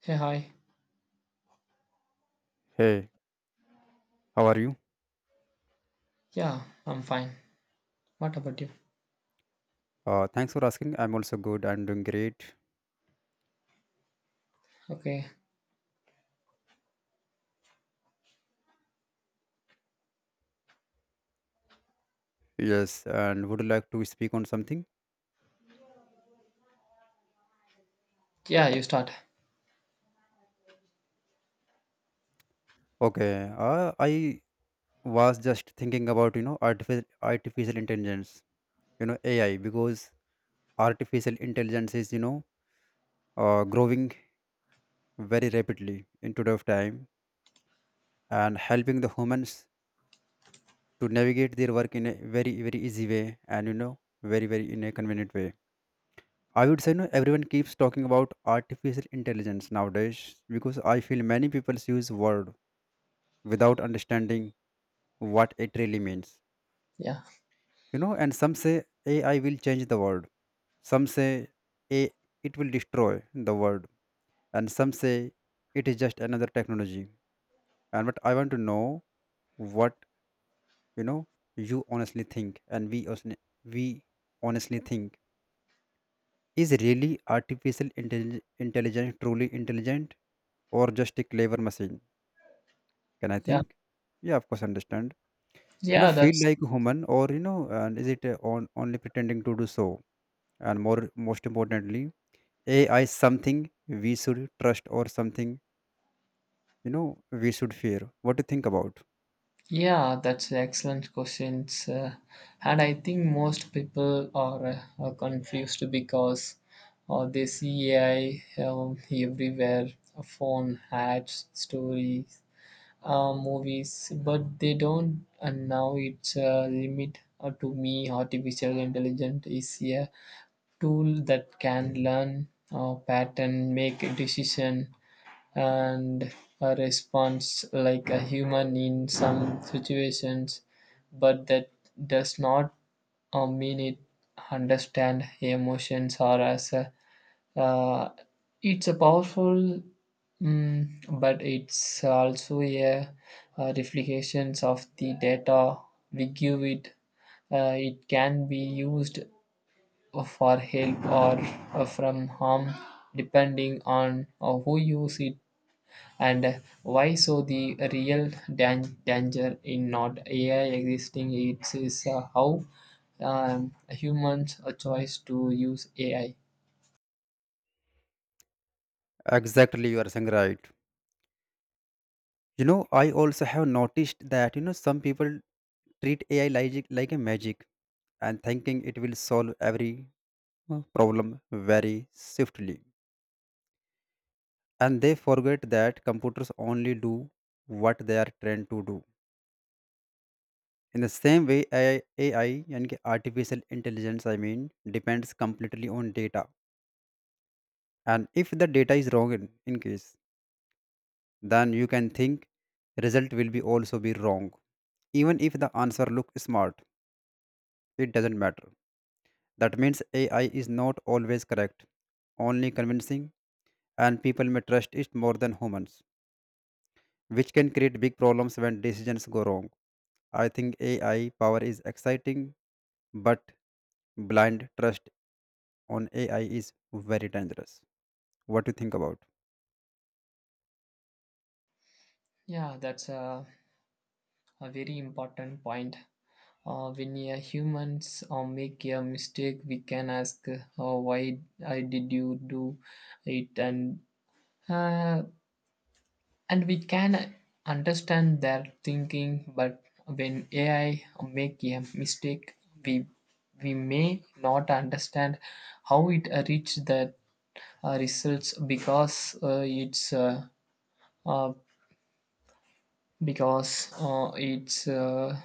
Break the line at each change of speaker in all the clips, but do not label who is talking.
Hey, hi.
Hey, how are you?
Yeah, I'm fine. What about you?
Thanks for asking. I'm also good. I'm doing great.
Okay.
Yes, and would you like to speak on something?
Yeah, you start.
Okay. I was just thinking about you know artificial intelligence. You know AI because artificial intelligence is you know growing very rapidly in today of time and helping the humans to navigate their work in a very easy way and you know very in a convenient way, I would say. No, everyone keeps talking about artificial intelligence nowadays because I feel many people use word without understanding what it really means.
Yeah,
You know, and some say AI will change the world. Some say A it will destroy the world. And some say it is just another technology. And but I want to know what you know you honestly think and we honestly think, is really intelligence truly intelligent or just a clever machine? Can I
yeah,
think? Yeah, of course, understand. You know,
yeah.
feel
That's
like a human, or you know, and is it on only pretending to do so? And more, most importantly, AI something we should trust or something you know we should fear. What do you think about?
yeah, that's excellent questions. And I think most people are confused because they see AI everywhere, phone ads, stories, movies, but they don't. And now it's a limit to me. Artificial intelligence is a tool that can learn a pattern, make a decision, and a response like a human in some situations, but that does not mean it understand emotions or as uh, it's a powerful, but it's also reflections of the data we give it. It can be used for help or from harm depending on who uses it and why, so the real danger in not AI existing, it is how humans a choice to use AI.
Exactly, you are saying right. You know, I also have noticed that you know some people treat AI like a magic and thinking it will solve every problem very swiftly. And they forget that computers only do what they are trained to do. In the same way, AI, and artificial intelligence, I mean, depends completely on data. And if the data is wrong in case, then you can think result will be also be wrong. Even if the answer look smart, it doesn't matter. That means AI is not always correct, only convincing, and people may trust it more than humans, which can create big problems when decisions go wrong. I think AI power is exciting, but blind trust on AI is very dangerous. What do you think about?
Yeah, that's a very important point. When a humans make a mistake we can ask why I did you do it, uh, and we can understand their thinking. But when AI make a mistake, we we may not understand how it reached that results, because it's uh, because it's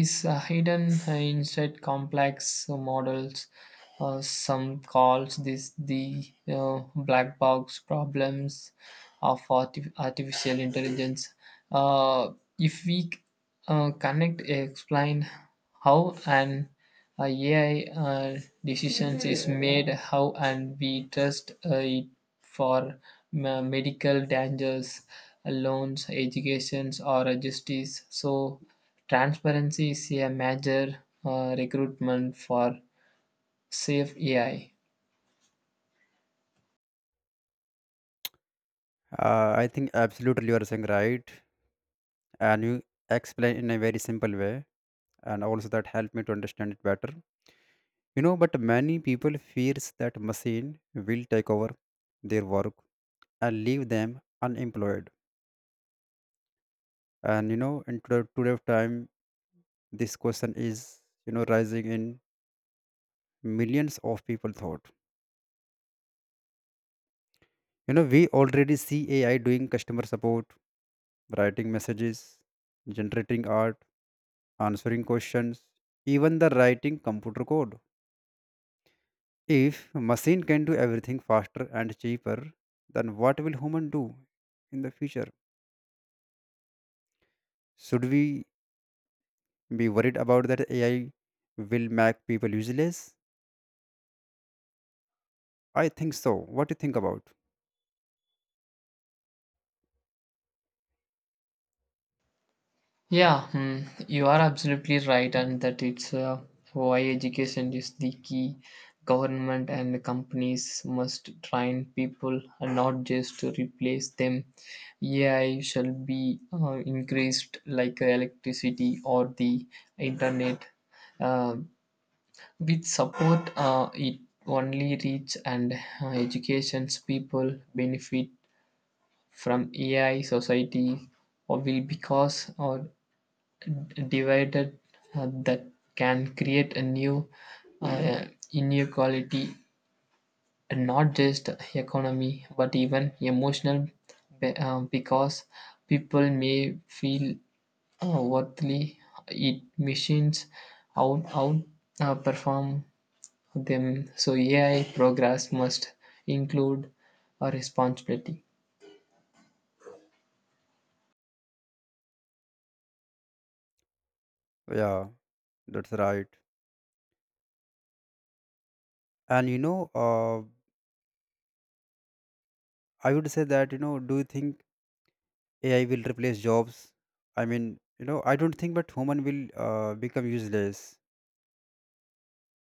is hidden inside complex models. Some calls this the black box problems of artificial intelligence. Uh, if we connect, explain how an AI decisions is made, how and we trust it for medical dangers, loans, educations, or justice. So, transparency is a major recruitment for safe AI.
I think absolutely you are saying right, and you explain in a very simple way, and also that helped me to understand it better. You know, but many people fears that machine will take over their work and leave them unemployed. And you know, in today of time, this question is you know rising in millions of people thought. You know, we already see AI doing customer support, writing messages, generating art, answering questions, even the writing computer code. If machine can do everything faster and cheaper, then what will human do in the future? Should we be worried about that AI will make people useless? I think so. What do you think about?
Yeah, you are absolutely right, and that it's why education is the key. Government and companies must train people and not just to replace them. AI shall be increased like electricity or the internet. Uh, with support, it only reach and education's people benefit from AI society or will because or divided that can create a new uh, inequality, and not just economy but even emotional, because people may feel worthily it machines out perform them, so AI progress must include a responsibility.
Yeah, that's right. And you know, I would say that, you know, do you think AI will replace jobs. I mean, you know, I don't think but human will become useless.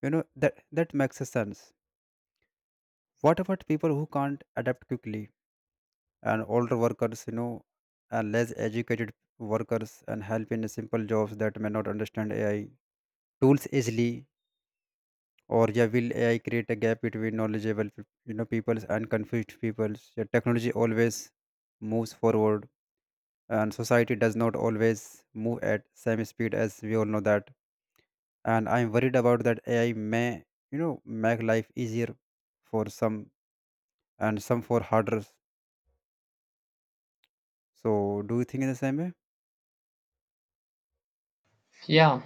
You know that makes a sense. What about people who can't adapt quickly and older workers? You know, and less educated workers and help in simple jobs that may not understand AI tools easily. Or yeah, will AI create a gap between you know, peoples and confused peoples? Yeah, technology always moves forward, and society does not always move at same speed, as we all know that, and I'm worried about that AI may you know make life easier for some and some for harder. So do you think in the same way?
Yeah.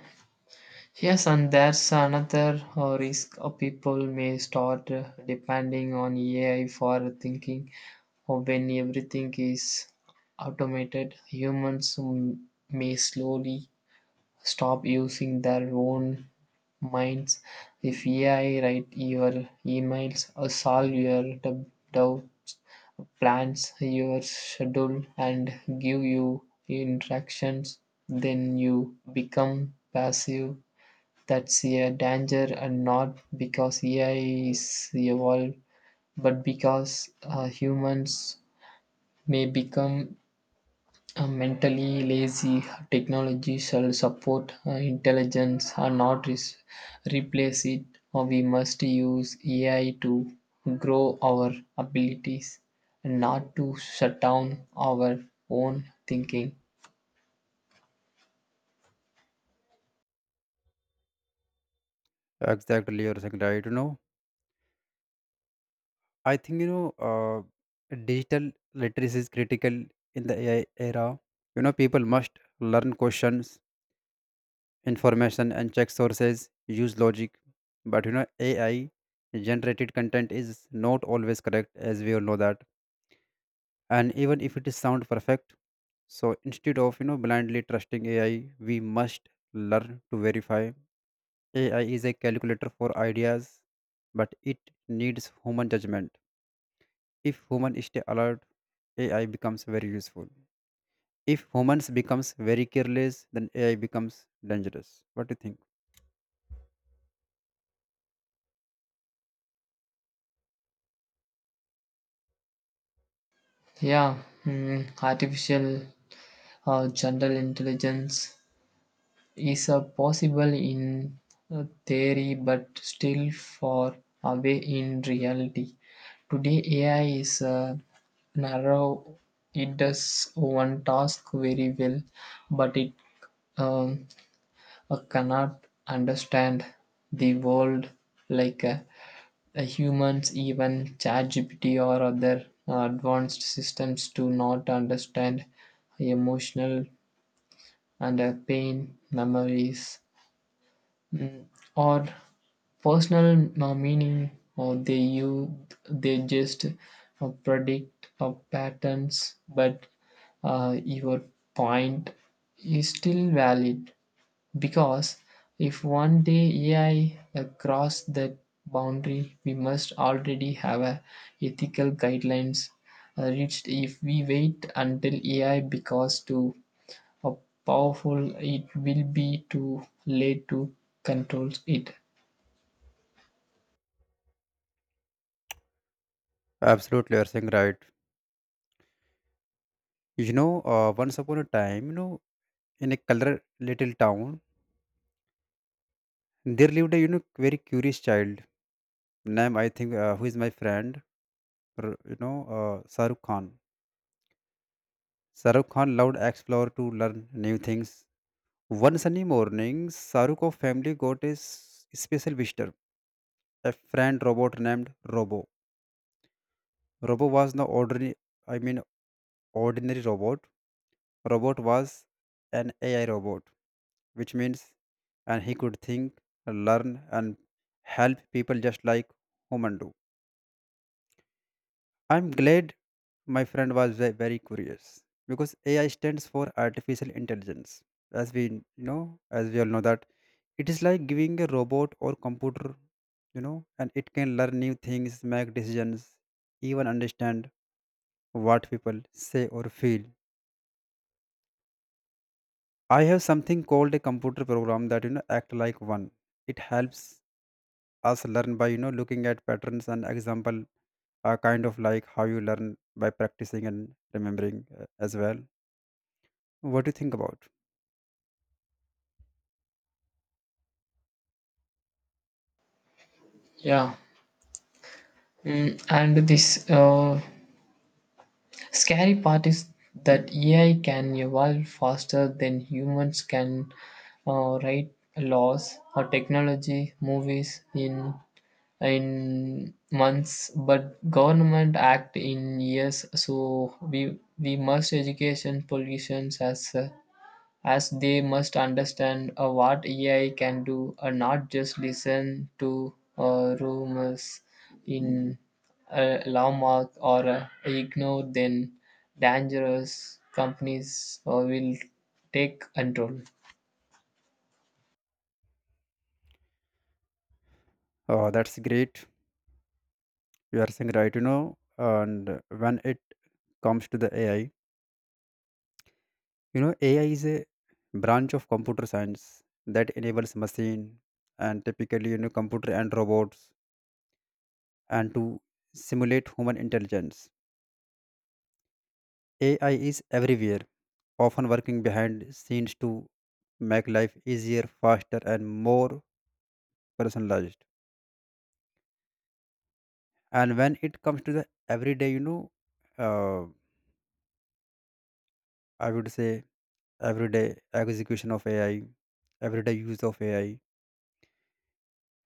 Yes, and there's another risk. People may start depending on AI for thinking. Or when everything is automated, humans may slowly stop using their own minds. If AI write your emails, or solve your doubts, plans your schedule, and give you instructions, then you become passive. That's a danger, and not because AI is evolved, but because humans may become mentally lazy. Technology shall support intelligence and not replace it, or we must use AI to grow our abilities and not to shut down our own thinking.
Exactly, you're saying right. You know, I think you know digital literacy is critical in the AI era. You know, people must learn questions, information, and check sources, use logic, but you know AI generated content is not always correct, as we all know that, and even if it is sound perfect. So instead of you know blindly trusting AI, we must learn to verify. AI is a calculator for ideas, but it needs human judgment. If humans stay alert, AI becomes very useful. If humans becomes very careless, then AI becomes dangerous. What do you think?
Yeah, artificial general intelligence is a possible in theory but still far away in reality. Today, AI is a narrow, it does one task very well, but it um, cannot understand the world like humans. Even ChatGPT or other advanced systems do not understand emotional and pain memories, mm, or personal no meaning, or they just predict patterns. But your point is still valid, because if one day AI cross that boundary, we must already have a ethical guidelines reached. If we wait until AI because to how powerful it will be, to late to control it.
Absolutely, you're saying right. You know, once upon a time you know in a color little town there lived a you know very curious child name I think who is my friend, you know, Shahrukh Khan. Shahrukh Khan loved explore to learn new things. One sunny morning, Shahrukh family got a special visitor, a friend robot named Robo. Robo was no ordinary, I mean ordinary robot. Robot was an AI robot, which means and he could think, learn, and help people just like human do. I'm glad my friend was very curious because AI stands for artificial intelligence. As we know, as we all know that, it is like giving a robot or computer, you know, and it can learn new things, make decisions, even understand what people say or feel. I have something called a computer program that you know act like one. It helps us learn by you know looking at patterns and example, kind of like how you learn by practicing and remembering as well. What do you think about?
Yeah. And this scary part is that AI can evolve faster than humans can write laws or technology movies in months, but government act in years. So we must education politicians as they must understand what AI can do and not just listen to rumors in a landmark or ignore, then dangerous companies will take control.
Oh, that's great. You are saying right, you know, and when it comes to the AI, you know, AI is a branch of computer science that enables machine and typically, you know, computer and robots and to simulate human intelligence. AI is everywhere, often working behind scenes to make life easier, faster, and more personalized. And when it comes to the everyday, you know, uh, I would say everyday execution of AI, everyday use of AI.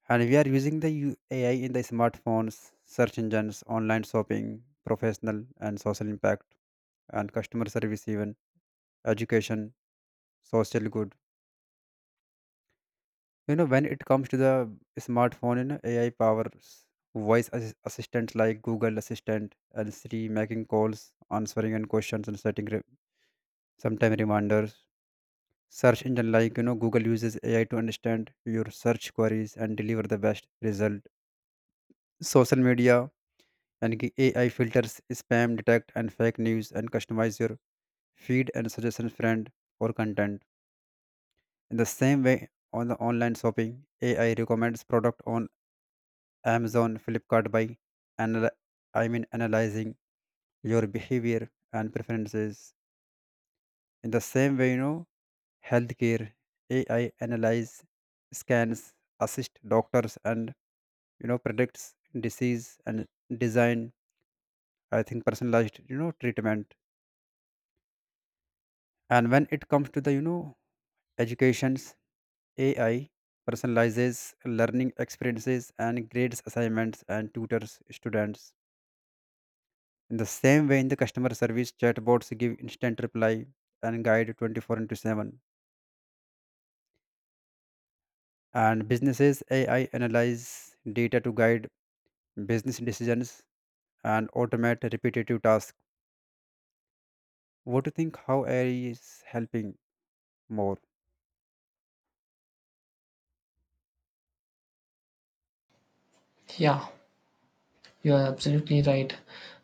And we are using the AI in the smartphones, search engines, online shopping, professional and social impact, and customer service, even education, social good. You know, when it comes to the smartphone, you know, AI powers voice assistants like Google Assistant and Siri, making calls, answering and questions, and setting sometime reminders. Search engine like you know Google uses AI to understand your search queries and deliver the best result. Social media and AI filters spam, detect and fake news, and customize your feed and suggestion friend or content. In the same way, on the online shopping, AI recommends product on Amazon, Flipkart by anal- I mean analyzing your behavior and preferences. In the same way, you know, healthcare AI analyze scans, assist doctors, and you know predicts disease and design I think personalized you know treatment. And when it comes to the you know educations, AI personalizes learning experiences and grades assignments and tutors students. In the same way, in the customer service, chatbots give instant reply and guide 24 into 7, and businesses AI analyze data to guide business decisions and automate repetitive tasks. What do you think how AI is helping more?
Yeah, you're absolutely right.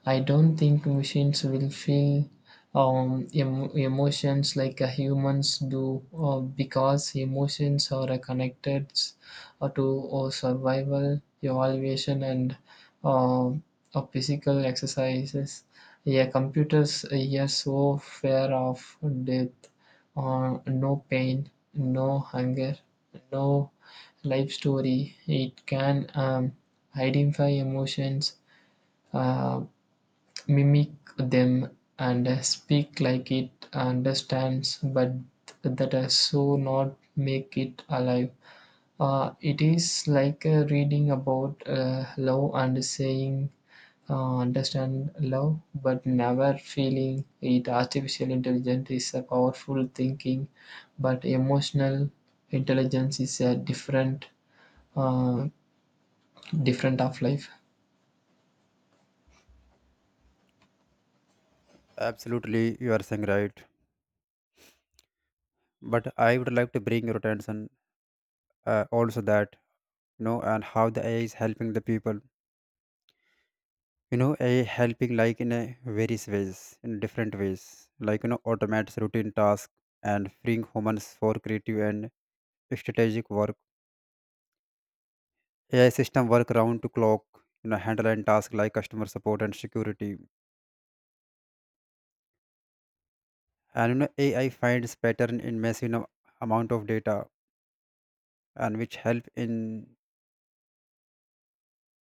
I don't think machines will feel emotions like humans do, because emotions are connected to survival, evaluation, and uh, physical exercises. Yeah, computers are so fair of death, no pain, no hunger, no life story. It can. Identify emotions, uh, mimic them, and speak like it understands, but that does so not make it alive. It is like reading about love and saying understand love, but never feeling it. Artificial intelligence is a powerful thinking, but emotional intelligence is a uh, different of life.
Absolutely, you are saying right. But I would like to bring your attention also that you know and how the AI is helping the people. You know, AI helping like in a various ways, in different ways, like you know, automates routine tasks and freeing humans for creative and strategic work. AI system work round to clock. You know, handle and task like customer support and security. And you know, AI finds pattern in massive you know amount of data, and which help in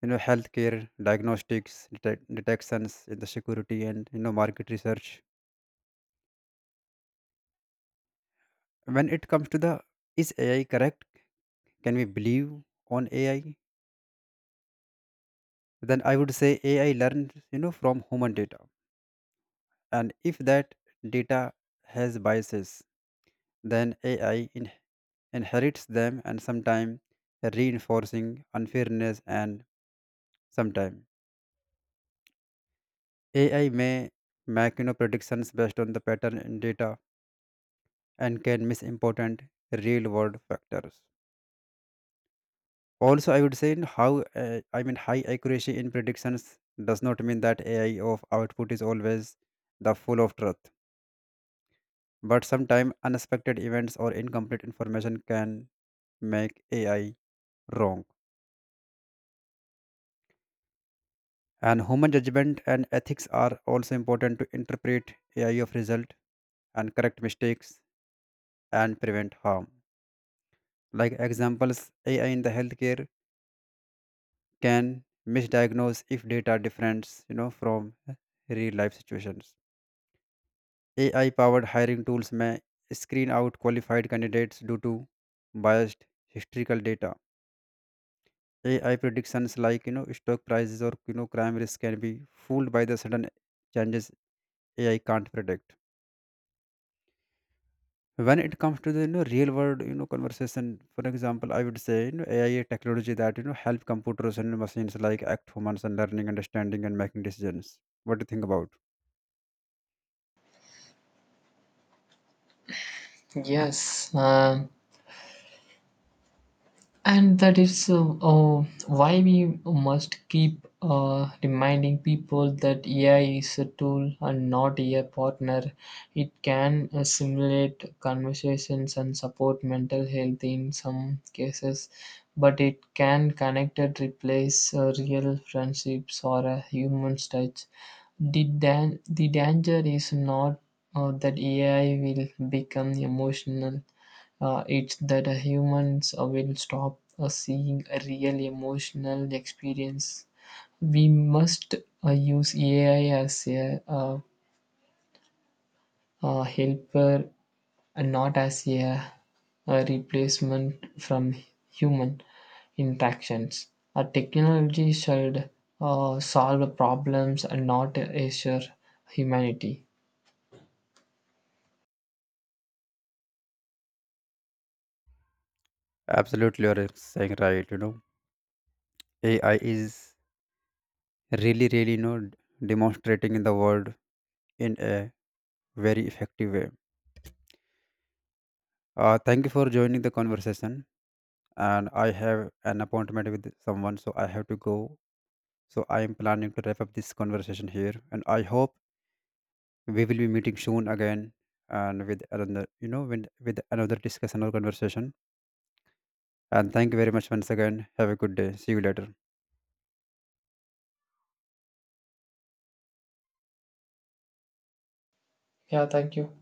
you know healthcare diagnostics detections in the security and you know market research. When it comes to the is AI correct, can we believe on AI, then I would say AI learns you know from human data, and if that data has biases, then AI inherits them and sometimes reinforcing unfairness, and sometimes AI may make you know predictions based on the pattern in data and can miss important real world factors. Also, I would say in how I mean high accuracy in predictions does not mean that AI of output is always the full of truth, but sometimes unexpected events or incomplete information can make AI wrong. And human judgment and ethics are also important to interpret AI of result and correct mistakes and prevent harm. Like examples, AI in the healthcare can misdiagnose if data difference you know from real life situations. AI-powered hiring tools may screen out qualified candidates due to biased historical data. AI predictions like you know stock prices or you know crime risk can be fooled by the sudden changes AI can't predict. When it comes to the you know real world you know conversation, for example, I would say you know AI technology that you know help computers and machines like act humans and learning, understanding, and making decisions. What do you think about?
Yes, and that is why we must keep reminding people that AI is a tool and not a partner. It can simulate conversations and support mental health in some cases, but it can connect and replace real friendships or a human touch. The danger is not that AI will become emotional. It's that humans will stop seeing a real emotional experience. We must use AI as helper and not as a replacement from human interactions. A technology should solve problems and not assure humanity.
Absolutely, you're saying right. You know AI is really you know demonstrating in the world in a very effective way. Thank you for joining the conversation, and I have an appointment with someone, so I have to go. So I am planning to wrap up this conversation here, and I hope we will be meeting soon again and with another you know with another discussion or conversation. And thank you very much once again. Have a good day, see you later.
Yeah, thank you.